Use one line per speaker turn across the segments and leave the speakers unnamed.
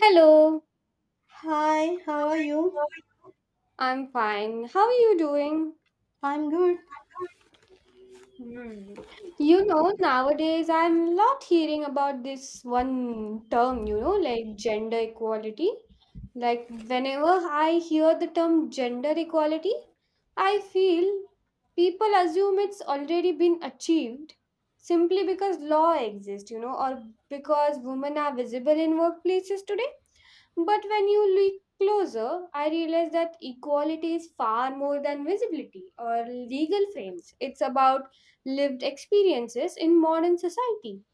Hello,
Hi, how are you?
I'm fine. How are you doing?
I'm good.
Hmm. You know, nowadays I'm lot hearing about this one term, like gender equality. Like whenever I hear the term gender equality, I feel people assume it's already been achieved simply because law exists, or because women are visible in workplaces today. But when you look closer, I realize that equality is far more than visibility or legal frames. It's about lived experiences in modern society.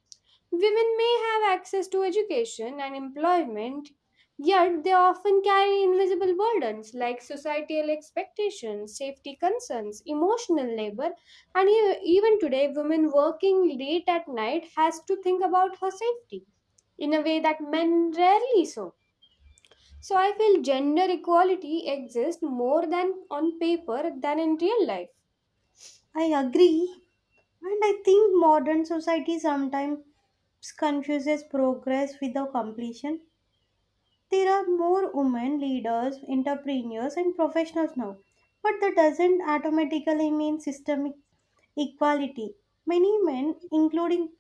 Women may have access to education and employment, yet they often carry invisible burdens like societal expectations, safety concerns, emotional labor, and even today, women working late at night has to think about her safety in a way that men rarely so. So I feel gender equality exists more than on paper than in real life.
I agree. And I think modern society sometimes confuses progress with the completion. There are more women leaders, entrepreneurs, and professionals now. But that doesn't automatically mean systemic equality. Many men, including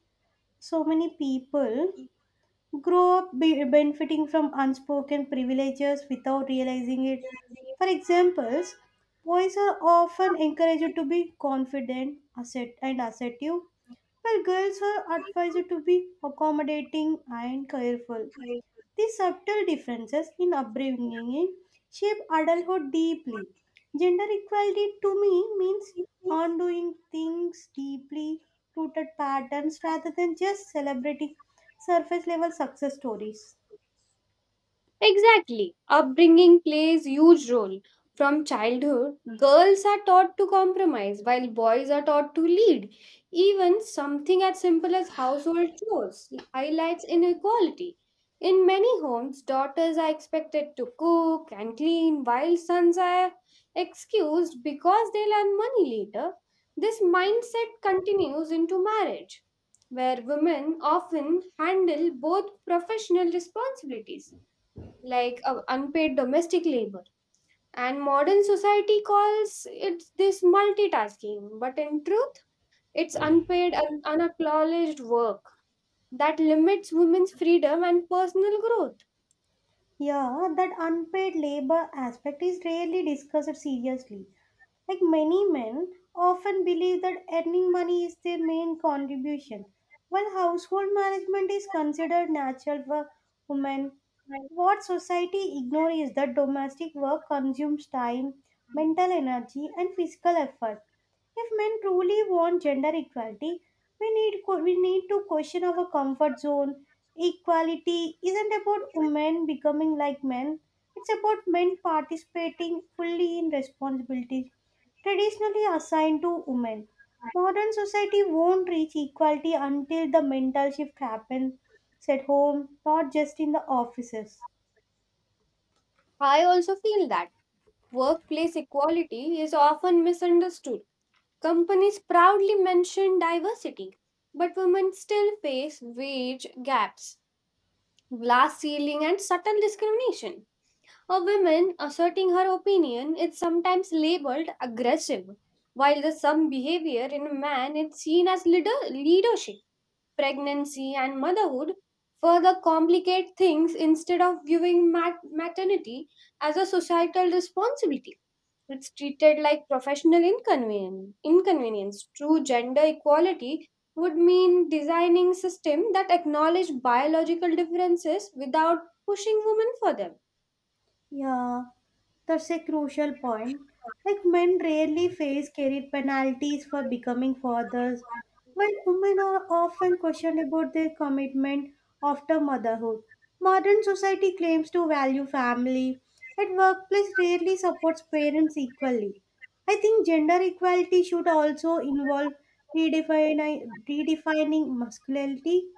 so many people, grow up benefiting from unspoken privileges without realizing it. For examples, boys are often encouraged to be confident asset, and assertive, while girls are advised to be accommodating and careful.
People.
These subtle differences in upbringing shape adulthood deeply. Gender equality to me means undoing things deeply rooted patterns rather than just celebrating surface level success stories.
Exactly. Upbringing plays huge role. From childhood, girls are taught to compromise while boys are taught to lead. Even something as simple as household chores highlights inequality. In many homes, daughters are expected to cook and clean while sons are excused because they'll earn money later. This mindset continues into marriage, where women often handle both professional responsibilities like unpaid domestic labor and modern society calls it this multitasking but in truth it's unpaid and unacknowledged work that limits women's freedom and personal growth.
Yeah, that unpaid labor aspect is rarely discussed seriously. Like many men often believe that earning money is their main contribution, while household management is considered natural for women. What society ignores is that domestic work consumes time, mental energy, and physical effort. If men truly want gender equality, we need to question our comfort zone. Equality isn't about women becoming like men; it's about men participating fully in responsibilities traditionally assigned to women. Modern society won't reach equality until the mental shift happens at home, not just in the offices.
I also feel that workplace equality is often misunderstood. Companies proudly mention diversity but women still face wage gaps, glass ceiling and subtle discrimination. A woman asserting her opinion is sometimes labeled aggressive, while the some behavior in a man is seen as leadership. Pregnancy and motherhood further complicate things instead of viewing maternity as a societal responsibility. It's treated like professional inconvenience. True gender equality would mean designing systems that acknowledge biological differences without pushing women for them.
Yeah, that's a crucial point. Like men rarely face career penalties for becoming fathers, while women are often questioned about their commitment after motherhood. Modern society claims to value family, and workplace rarely supports parents equally. I think gender equality should also involve redefining masculinity.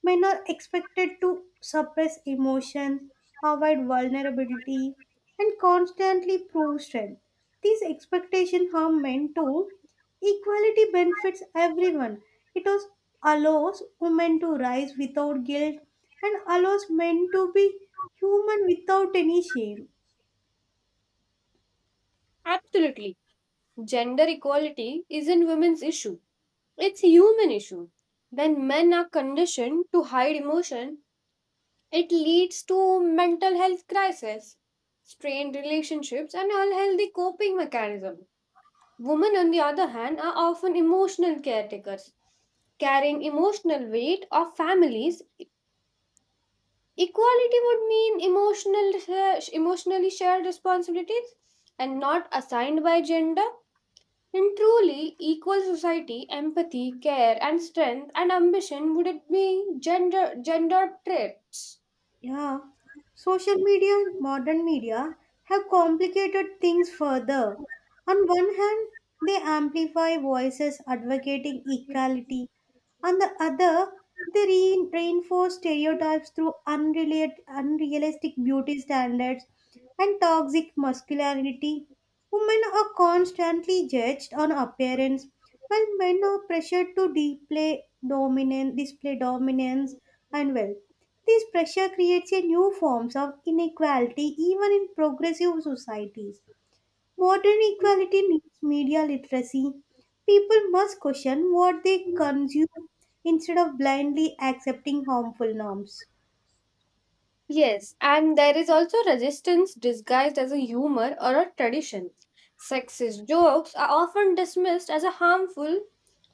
Men are expected to suppress emotions, avoid vulnerability, and constantly prove strength. These expectations harm men too. Equality benefits everyone. It was allows women to rise without guilt and allows men to be human without any shame.
Absolutely. Gender equality isn't women's issue. It's human issue. When men are conditioned to hide emotion, it leads to mental health crisis, strained relationships and unhealthy coping mechanism. Women on the other hand are often emotional caretakers, carrying emotional weight of families. Equality would mean emotional emotionally shared responsibilities and not assigned by gender. In truly equal society, empathy, care, and strength and ambition would it be gender traits?
Yeah, social media and modern media have complicated things further. On one hand, they amplify voices advocating equality. On the other, they reinforce stereotypes through unrealistic beauty standards and toxic masculinity. Women are constantly judged on appearance, while men are pressured to display dominance and wealth. This pressure creates a new forms of inequality even in progressive societies. Modern equality needs media literacy. People must question what they consume instead of blindly accepting harmful norms.
Yes, and there is also resistance disguised as a humor or a tradition. Sexist jokes are often dismissed as a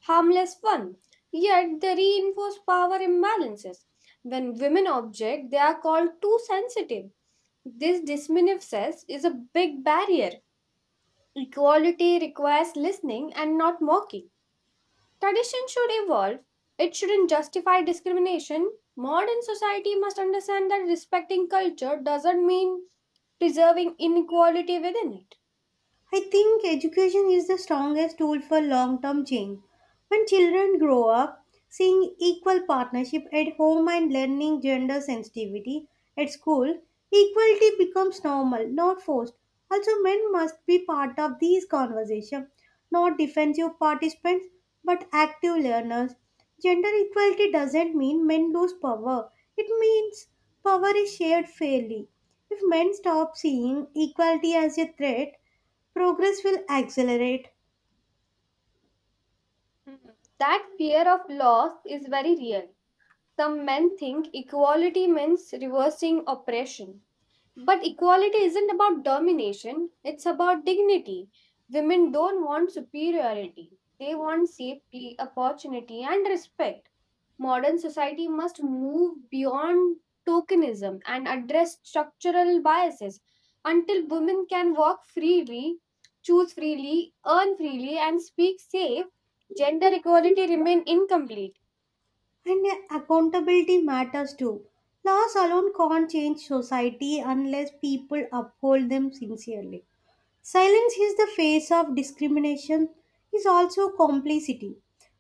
harmless fun, yet they reinforce power imbalances. When women object, they are called too sensitive. This dismissive says is a big barrier. Equality requires listening and not mocking. Tradition should evolve. It shouldn't justify discrimination. Modern society must understand that respecting culture doesn't mean preserving inequality within it.
I think education is the strongest tool for long term change. When children grow up seeing equal partnership at home and learning gender sensitivity at school, equality becomes normal, not forced. Also, men must be part of these conversations, not defensive participants but active learners. Gender equality doesn't mean men lose power, it means power is shared fairly. If men stop seeing equality as a threat, progress will accelerate,
Hmm. That fear of loss is very real. Some men think equality means reversing oppression. But equality isn't about domination, it's about dignity. Women don't want superiority, they want safety, opportunity, and respect. Modern society must move beyond tokenism and address structural biases. Until women can walk freely, choose freely, earn freely, and speak safe, gender equality remain incomplete.
and accountability matters too. Laws alone can't change society unless people uphold them sincerely. Silence is the face of discrimination is also complicity.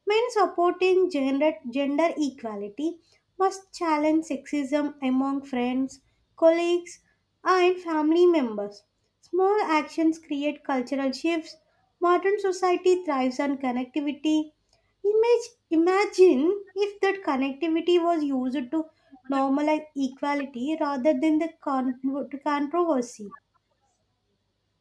Men supporting gender equality must challenge sexism among friends, colleagues, and family members. Small actions create cultural shifts. Modern society thrives on connectivity. Imagine if that connectivity was used to normalize equality rather than the controversy.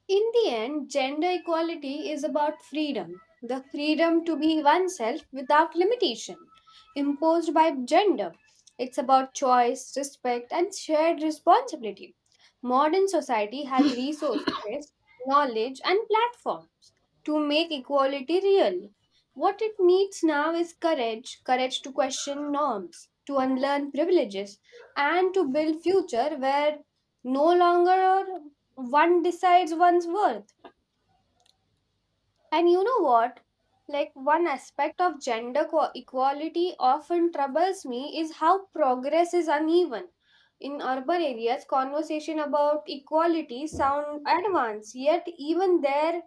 In the end, gender equality is about freedom the freedom to be oneself without limitation imposed by gender. It's about choice, respect, and shared responsibility. Modern society has resources, knowledge, and platforms to make equality real. What it needs now is courage courage to question norms, to unlearn privileges, and to build future where no longer one decides one's worth. And you know what? Like one aspect of gender equality often troubles me is how progress is uneven. In urban areas, conversation about equality sound advanced, yet even their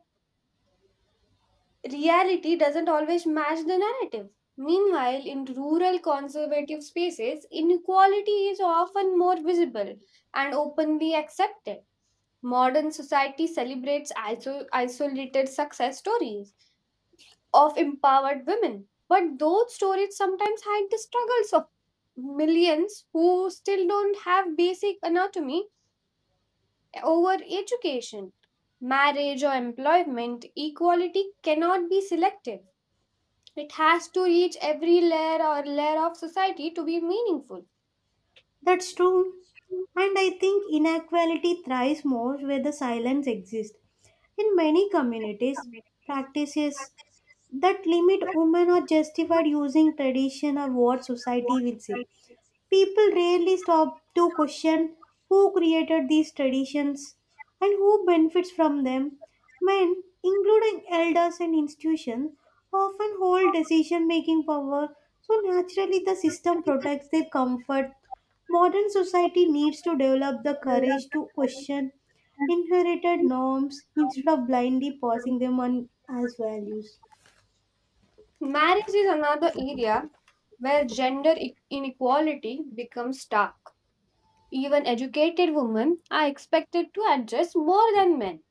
reality doesn't always match the narrative. Meanwhile, in rural conservative spaces, inequality is often more visible and openly accepted. Modern society celebrates isolated success stories of empowered women, but those stories sometimes hide the struggles of millions who still don't have basic anatomy over education. Marriage or employment equality cannot be selective. It has to reach every layer of society to be meaningful.
That's true. And I think inequality thrives most where the silence exists. In many communities, practices that limit women are justified using tradition or what society will say. People rarely stop to question who created these traditions and who benefits from them. Men, including elders and institutions, often hold decision making power, so naturally the system protects their comfort. Modern society needs to develop the courage to question inherited norms instead of blindly passing them on as values.
Marriage is another area where gender inequality becomes stark. Even educated women are expected to adjust more than men,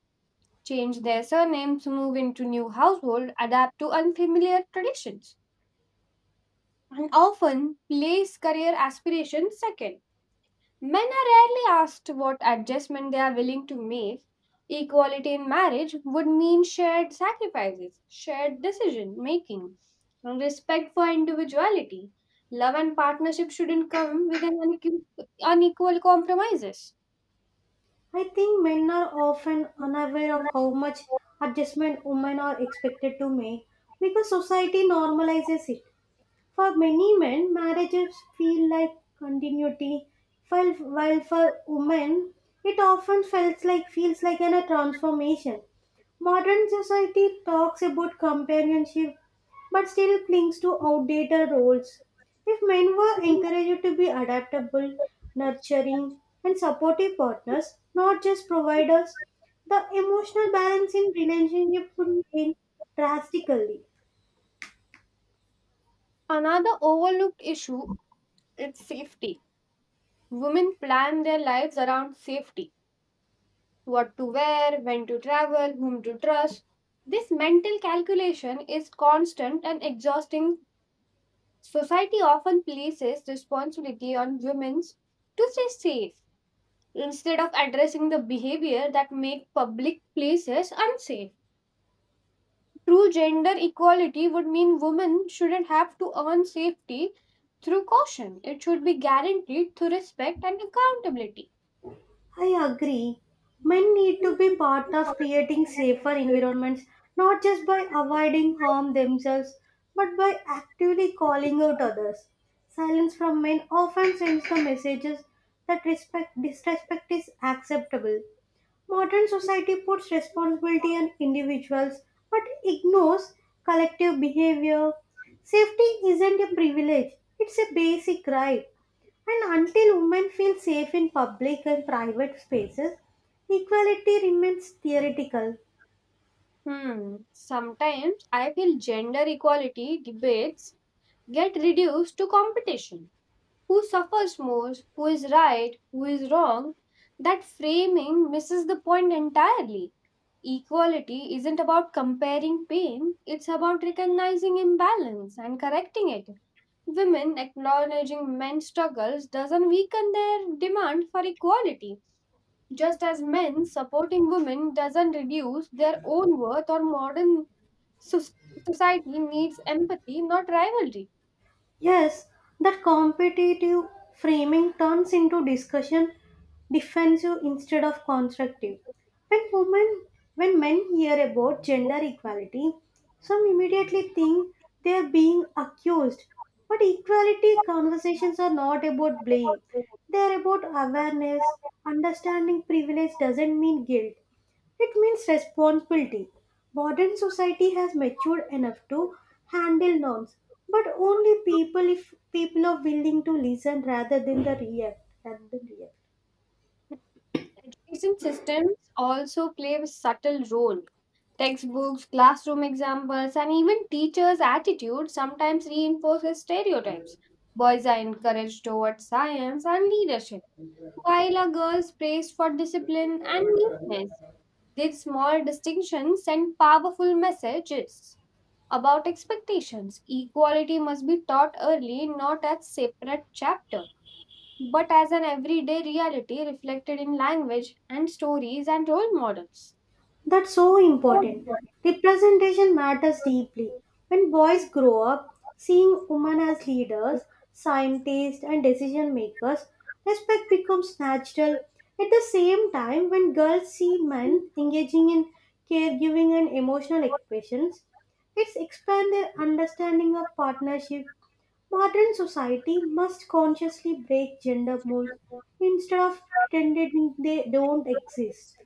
change their surnames, move into new household, adapt to unfamiliar traditions, and often place career aspirations second. Men are rarely asked what adjustment they are willing to make. Equality in marriage would mean shared sacrifices, shared decision making, and respect for individuality. Love and partnership shouldn't come with an unequal compromises.
I think men are often unaware of how much adjustment women are expected to make because society normalizes it. For many men, marriages feel like continuity, while for women, it often feels like a transformation. Modern society talks about companionship, but still clings to outdated roles. If men were encouraged to be adaptable, nurturing, and supportive partners, not just providers, the emotional balance in relationships would change drastically.
Another overlooked issue is safety. Women plan their lives around safety what to wear, when to travel, whom to trust. This mental calculation is constant and exhausting. Society often places responsibility on women to stay safe instead of addressing the behavior that make public places unsafe. True gender equality would mean women shouldn't have to earn safety through caution. It should be guaranteed through respect and accountability.
I agree. Men need to be part of creating safer environments, not just by avoiding harm themselves, but by actively calling out others. Silence from men often sends the messages that respect disrespect is acceptable. Modern society puts responsibility on individuals but ignores collective behavior. Safety isn't a privilege, it's a basic right. And until women feel safe in public and private spaces, equality remains theoretical.
Hmm. Sometimes I feel gender equality debates get reduced to competition. Who suffers more? Who is right? Who is wrong? That framing misses the point entirely. Equality isn't about comparing pain, it's about recognizing imbalance and correcting it. Women acknowledging men's struggles doesn't weaken their demand for equality, just as men supporting women doesn't reduce their own worth or modern soc- society needs empathy, not rivalry.
Yes, that competitive framing turns into discussion defensive instead of constructive. When women when men hear about gender equality, some immediately think they are being accused. But equality conversations are not about blame. They are about awareness. Understanding privilege doesn't mean guilt. It means responsibility. Modern society has matured enough to handle norms, but only people if people are willing to listen rather than the react. Rather than react.
Education systems also play a subtle role. Textbooks, classroom examples, and even teachers' attitude sometimes reinforces stereotypes. Boys are encouraged towards science and leadership, while a girl praised for discipline and neatness. These small distinctions send powerful messages about expectations. Equality must be taught early, not as separate chapter, but as an everyday reality reflected in language and stories and role models.
That's so important. Representation matters deeply. When boys grow up seeing women as leaders, scientists, and decision makers, respect becomes natural. At the same time, when girls see men engaging in caregiving and emotional expressions, it's expand their understanding of partnership. Modern society must consciously break gender molds instead of pretending they don't exist.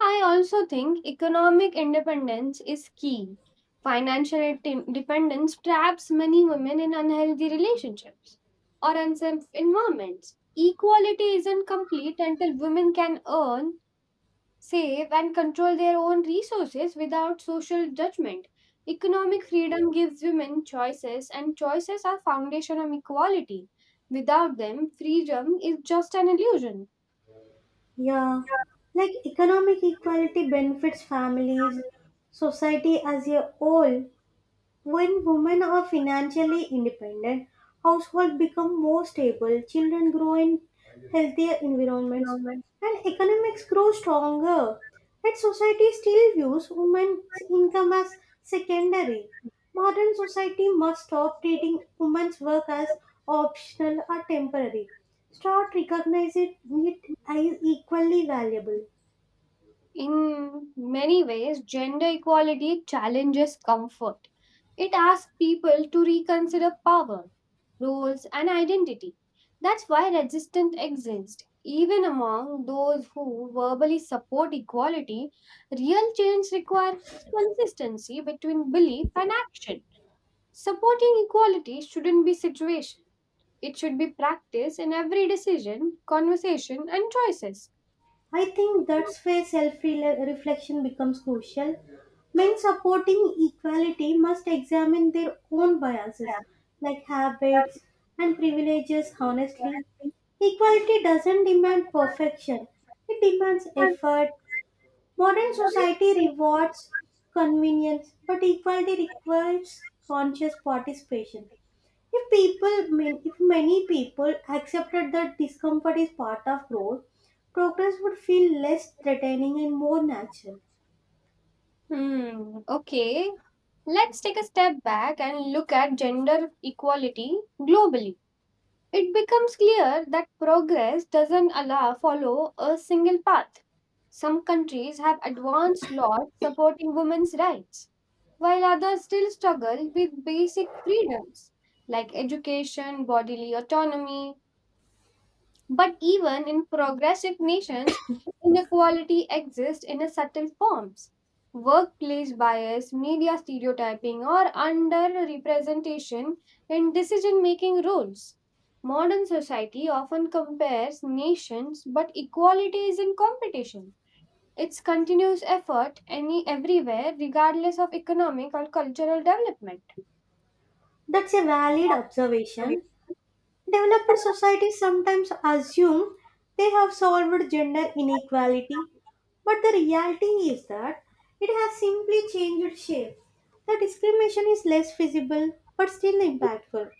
I also think economic independence is key. Financial dependence traps many women in unhealthy relationships or unsafe environments. Equality isn't complete until women can earn, save, and control their own resources without social judgment. Economic freedom gives women choices, and choices are foundation of equality. Without them, freedom is just an illusion.
Yeah, like economic equality benefits families, society as a whole. When women are financially independent, households become more stable, children grow in healthier environments, and economics grow stronger. Yet society still views women's income as secondary. Modern society must stop treating women's work as optional or temporary. Start recognizing it as equally valuable.
In many ways, gender equality challenges comfort. It asks people to reconsider power, roles, and identity. That's why resistance exists. Even among those who verbally support equality, real change requires consistency between belief and action. Supporting equality shouldn't be situation. It should be practice in every decision, conversation, and choices.
I think that's where self reflection becomes crucial. Men supporting equality must examine their own biases, like habits and privileges, honestly. Equality doesn't demand perfection, it demands effort. Modern society rewards convenience, but equality requires conscious participation. If many people accepted that discomfort is part of growth, progress would feel less threatening and more natural.
Hmm, okay. Let's take a step back and look at gender equality globally. It becomes clear that progress doesn't allow follow a single path. Some countries have advanced laws supporting women's rights, while others still struggle with basic freedoms like education, bodily autonomy, but even in progressive nations, inequality exists in a subtle forms. Workplace bias, media stereotyping, or underrepresentation in decision making roles. Modern society often compares nations, but equality is in competition. It's continuous effort any everywhere, regardless of economic or cultural development.
That's a valid observation. Developed societies sometimes assume they have solved gender inequality, but the reality is that it has simply changed shape. The discrimination is less visible but still impactful.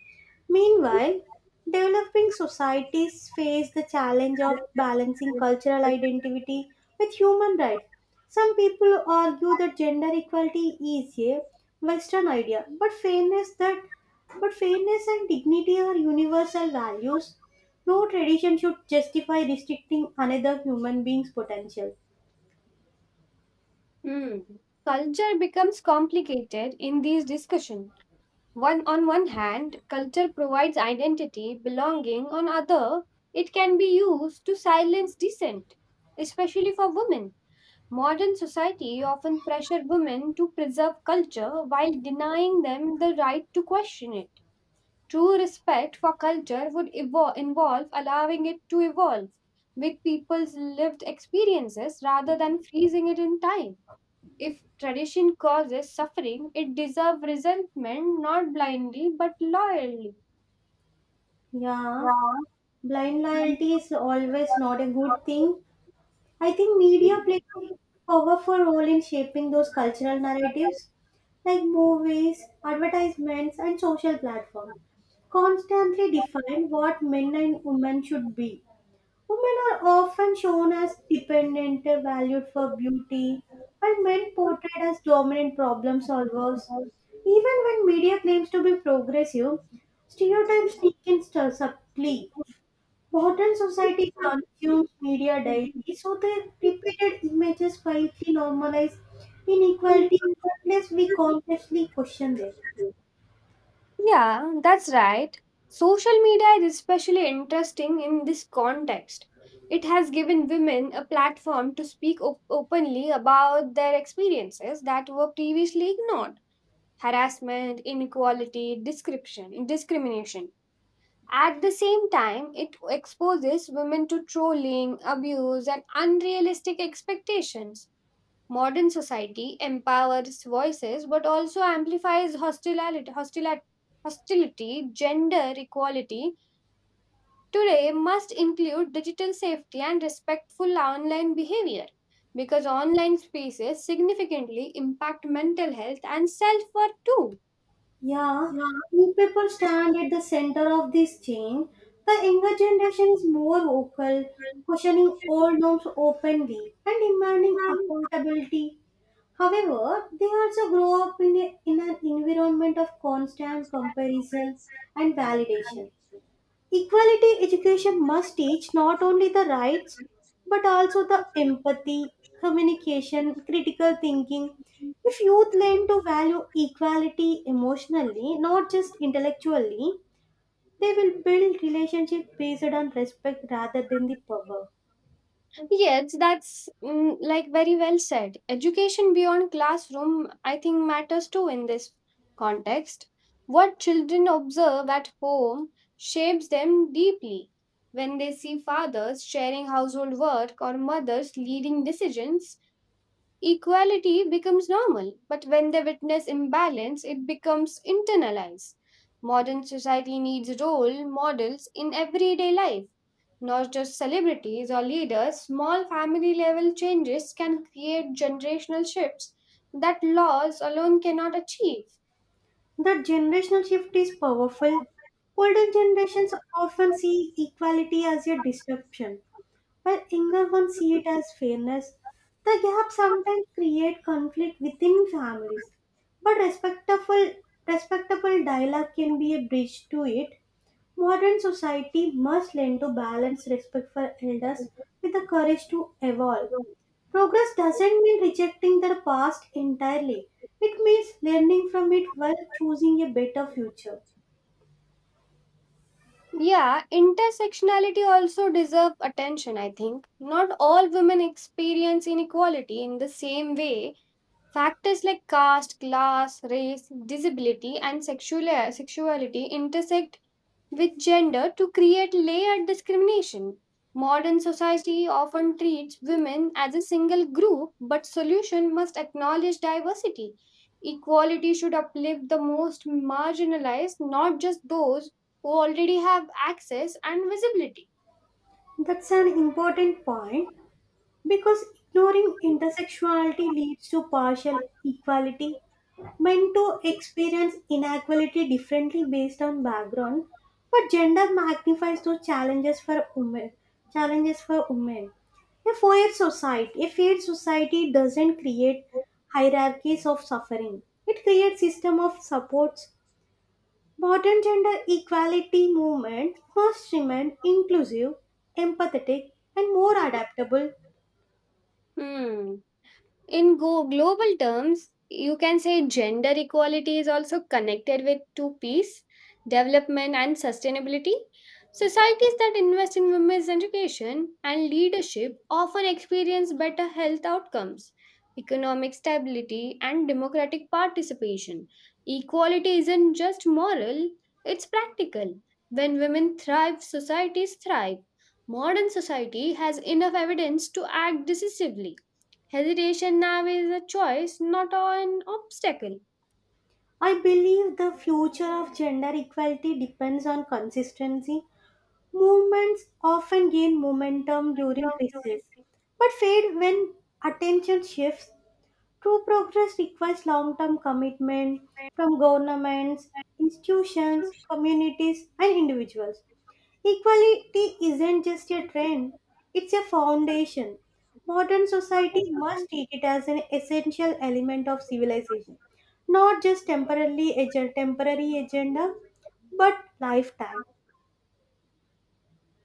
Meanwhile, developing societies face the challenge of balancing cultural identity with human rights. Some people argue that gender equality is a Western idea, but fairness that but fairness and dignity are universal values. No tradition should justify restricting another human being's potential.
Hmm. Culture becomes complicated in these discussions. One hand, culture provides identity, belonging. On other, it can be used to silence dissent, especially for women. Modern society often pressure women to preserve culture while denying them the right to question it. True respect for culture would involve allowing it to evolve with people's lived experiences rather than freezing it in time. If tradition causes suffering, it deserves resentment not blindly but loyally.
Yeah,
Wow.
blind loyalty is always not a good thing. I think media plays a powerful role in shaping those cultural narratives, like movies, advertisements, and social platforms, constantly define what men and women should be. Women are often shown as dependent, valued for beauty, and men portrayed as dominant problem solvers. Even when media claims to be progressive, stereotypes sneak in subtly. Modern society consumes media daily, so the repeated images quietly normalize inequality unless we consciously question them.
Yeah, that's right. Social media is especially interesting in this context. It has given women a platform to speak openly about their experiences that were previously ignored harassment, inequality, description, discrimination. At the same time, it exposes women to trolling, abuse, and unrealistic expectations. Modern society empowers voices but also amplifies hostility. Gender equality today must include digital safety and respectful online behavior because online spaces significantly impact mental health and self worth too.
Yeah, people stand at the center of this change. The younger generation is more vocal, questioning old norms openly and demanding accountability. However, they also grow up in an environment of constant comparison and validation. Equality education must teach not only the rights but also the empathy, communication, critical thinking. If youth learn to value equality emotionally, not just intellectually, they will build relationship based on respect rather than the power.
Yes, that's like very well said. Education beyond classroom, I think, matters too in this context. What children observe at home shapes them deeply. When they see fathers sharing household work or mothers leading decisions, equality becomes normal. But when they witness imbalance, it becomes internalized. Modern society needs role models in everyday life not just celebrities or leaders, small family level changes can create generational shifts that laws alone cannot achieve.
The generational shift is powerful. Older generations often see equality as a disruption, while younger ones see it as fairness, the gap sometimes create conflict within families. But respectable dialogue can be a bridge to it. Modern society must learn to balance respect for elders with the courage to evolve. Progress doesn't mean rejecting the past entirely. It means learning from it while choosing a better future.
Yeah, intersectionality also deserves attention, I think. Not all women experience inequality in the same way. Factors like caste, class, race, disability, and sexuality intersect with gender to create layered discrimination. Modern society often treats women as a single group, but solution must acknowledge diversity. Equality should uplift the most marginalized, not just those who already have access and visibility.
That's an important point because ignoring intersexuality leads to partial equality. Men too experience inequality differently based on background, but gender magnifies those challenges for women. Challenges for women. A fair society doesn't create hierarchies of suffering. It creates system of supports. Modern gender equality movement must remain inclusive, empathetic, and more adaptable.
Hmm. In global terms, you can say gender equality is also connected with two peace, development, and sustainability. Societies that invest in women's education and leadership often experience better health outcomes, economic stability, and democratic participation. Equality isn't just moral, it's practical. When women thrive, societies thrive. Modern society has enough evidence to act decisively. Hesitation now is a choice, not an obstacle.
I believe the future of gender equality depends on consistency. Movements often gain momentum during crises, but fade when attention shifts. True progress requires long term commitment from governments, institutions, communities, and individuals. Equality isn't just a trend, it's a foundation. Modern society must treat it as an essential element of civilization, not just temporary agenda, but lifetime.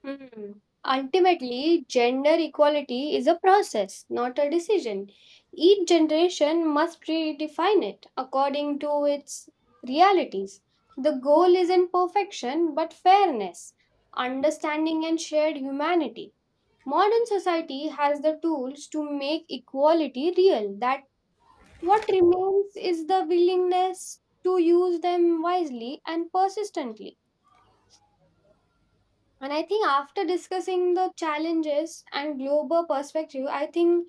Hmm. Ultimately, gender equality is a process, not a decision. Each generation must redefine it according to its realities. The goal isn't perfection, but fairness, understanding, and shared humanity. Modern society has the tools to make equality real. That What remains is the willingness to use them wisely and persistently. And I think after discussing the challenges and global perspective, I think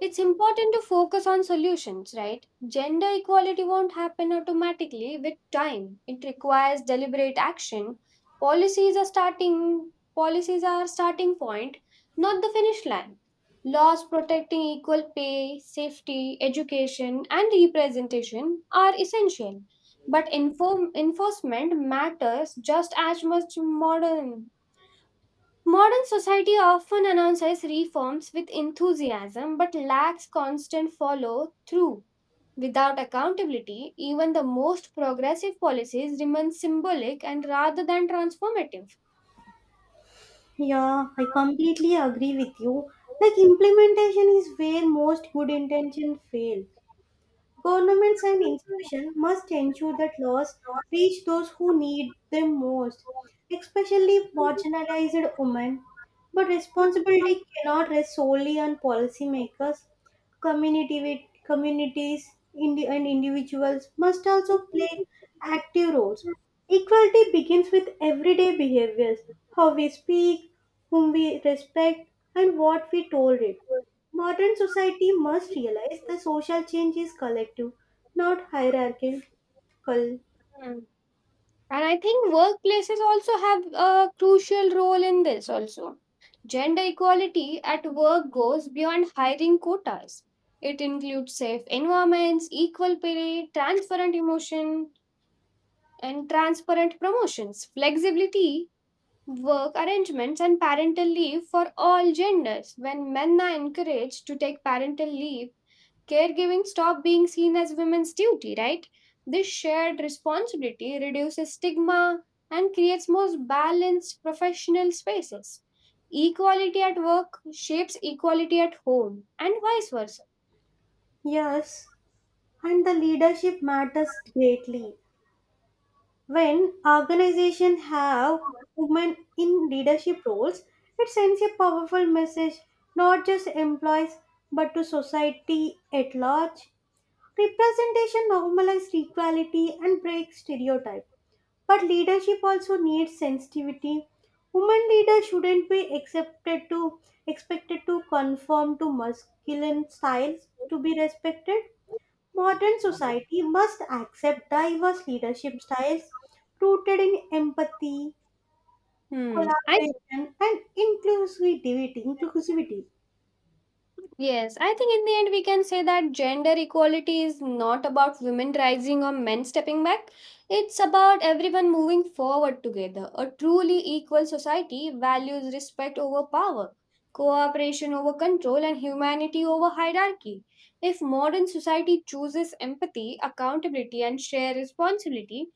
it's important to focus on solutions, right? Gender equality won't happen automatically with time. It requires deliberate action. Policies are starting point, not the finish line. Laws protecting equal pay, safety, education, and representation are essential, but enforcement matters just as much Modern society often announces reforms with enthusiasm but lacks constant follow through. Without accountability, even the most progressive policies remain symbolic and rather than transformative.
Yeah, I completely agree with you. Like implementation is where most good intention fails. Governments and institutions must ensure that laws reach those who need them most, especially marginalized women. But responsibility cannot rest solely on policymakers. Communities and individuals must also play active roles. Equality begins with everyday behaviors, how we speak, whom we respect, and what we tolerate. Modern society must realize that social change is collective, not hierarchical.
Hmm. And I think workplaces also have a crucial role in this also. Gender equality at work goes beyond hiring quotas. It includes safe environments, equal pay, transparent emotion, and transparent promotions, flexibility, work arrangements, and parental leave for all genders. When men are encouraged to take parental leave, caregiving stop being seen as women's duty, right? This shared responsibility reduces stigma and creates more balanced professional spaces. Equality at work shapes equality at home and vice versa.
Yes, and the leadership matters greatly. When organizations have women in leadership roles, it sends a powerful message not just employees but to society at large. Representation normalizes equality and breaks stereotypes. But leadership also needs sensitivity. Women leaders shouldn't be accepted to expected to conform to masculine styles to be respected. Modern society must accept diverse leadership styles rooted in empathy,
Hmm. I.
collaboration, and inclusivity. Inclusivity.
Yes, I think in the end we can say that gender equality is not about women rising or men stepping back. It's about everyone moving forward together. A truly equal society values respect over power, cooperation over control, and humanity over hierarchy. If modern society chooses empathy, accountability, and shared responsibility,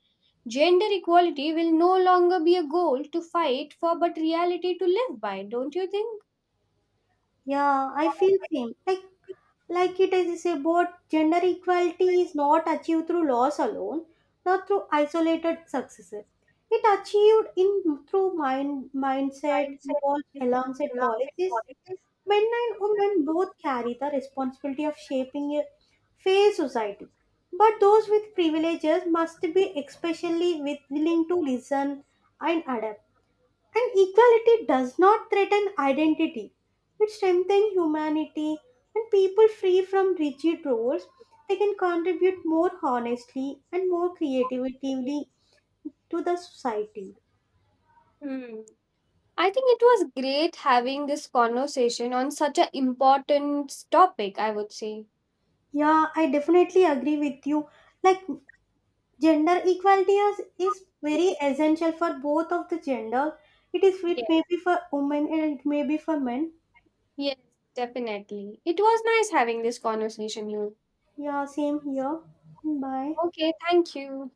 gender equality will no longer be a goal to fight for but reality to live by, don't you think?
Yeah, I feel same. Like it is about gender equality is not achieved through laws alone, not through isolated success, it achieved in through mindset evolved alongside policies. Men and women both carry the responsibility of shaping a fair society, but those with privileges must be especially willing to listen and adapt. And equality does not threaten identity. It strengthens humanity. When people free from rigid roles, they can contribute more honestly and more creatively to the society.
Hmm. I think it was great having this conversation on such an important topic, I would say.
Yeah, I definitely agree with you. Like gender equality is very essential for both of the gender. It is it may
Yes,
be for women and it may be for men.
yes, definitely. It was nice having this conversation, you.
Yeah, same here. Bye.
Okay, thank you.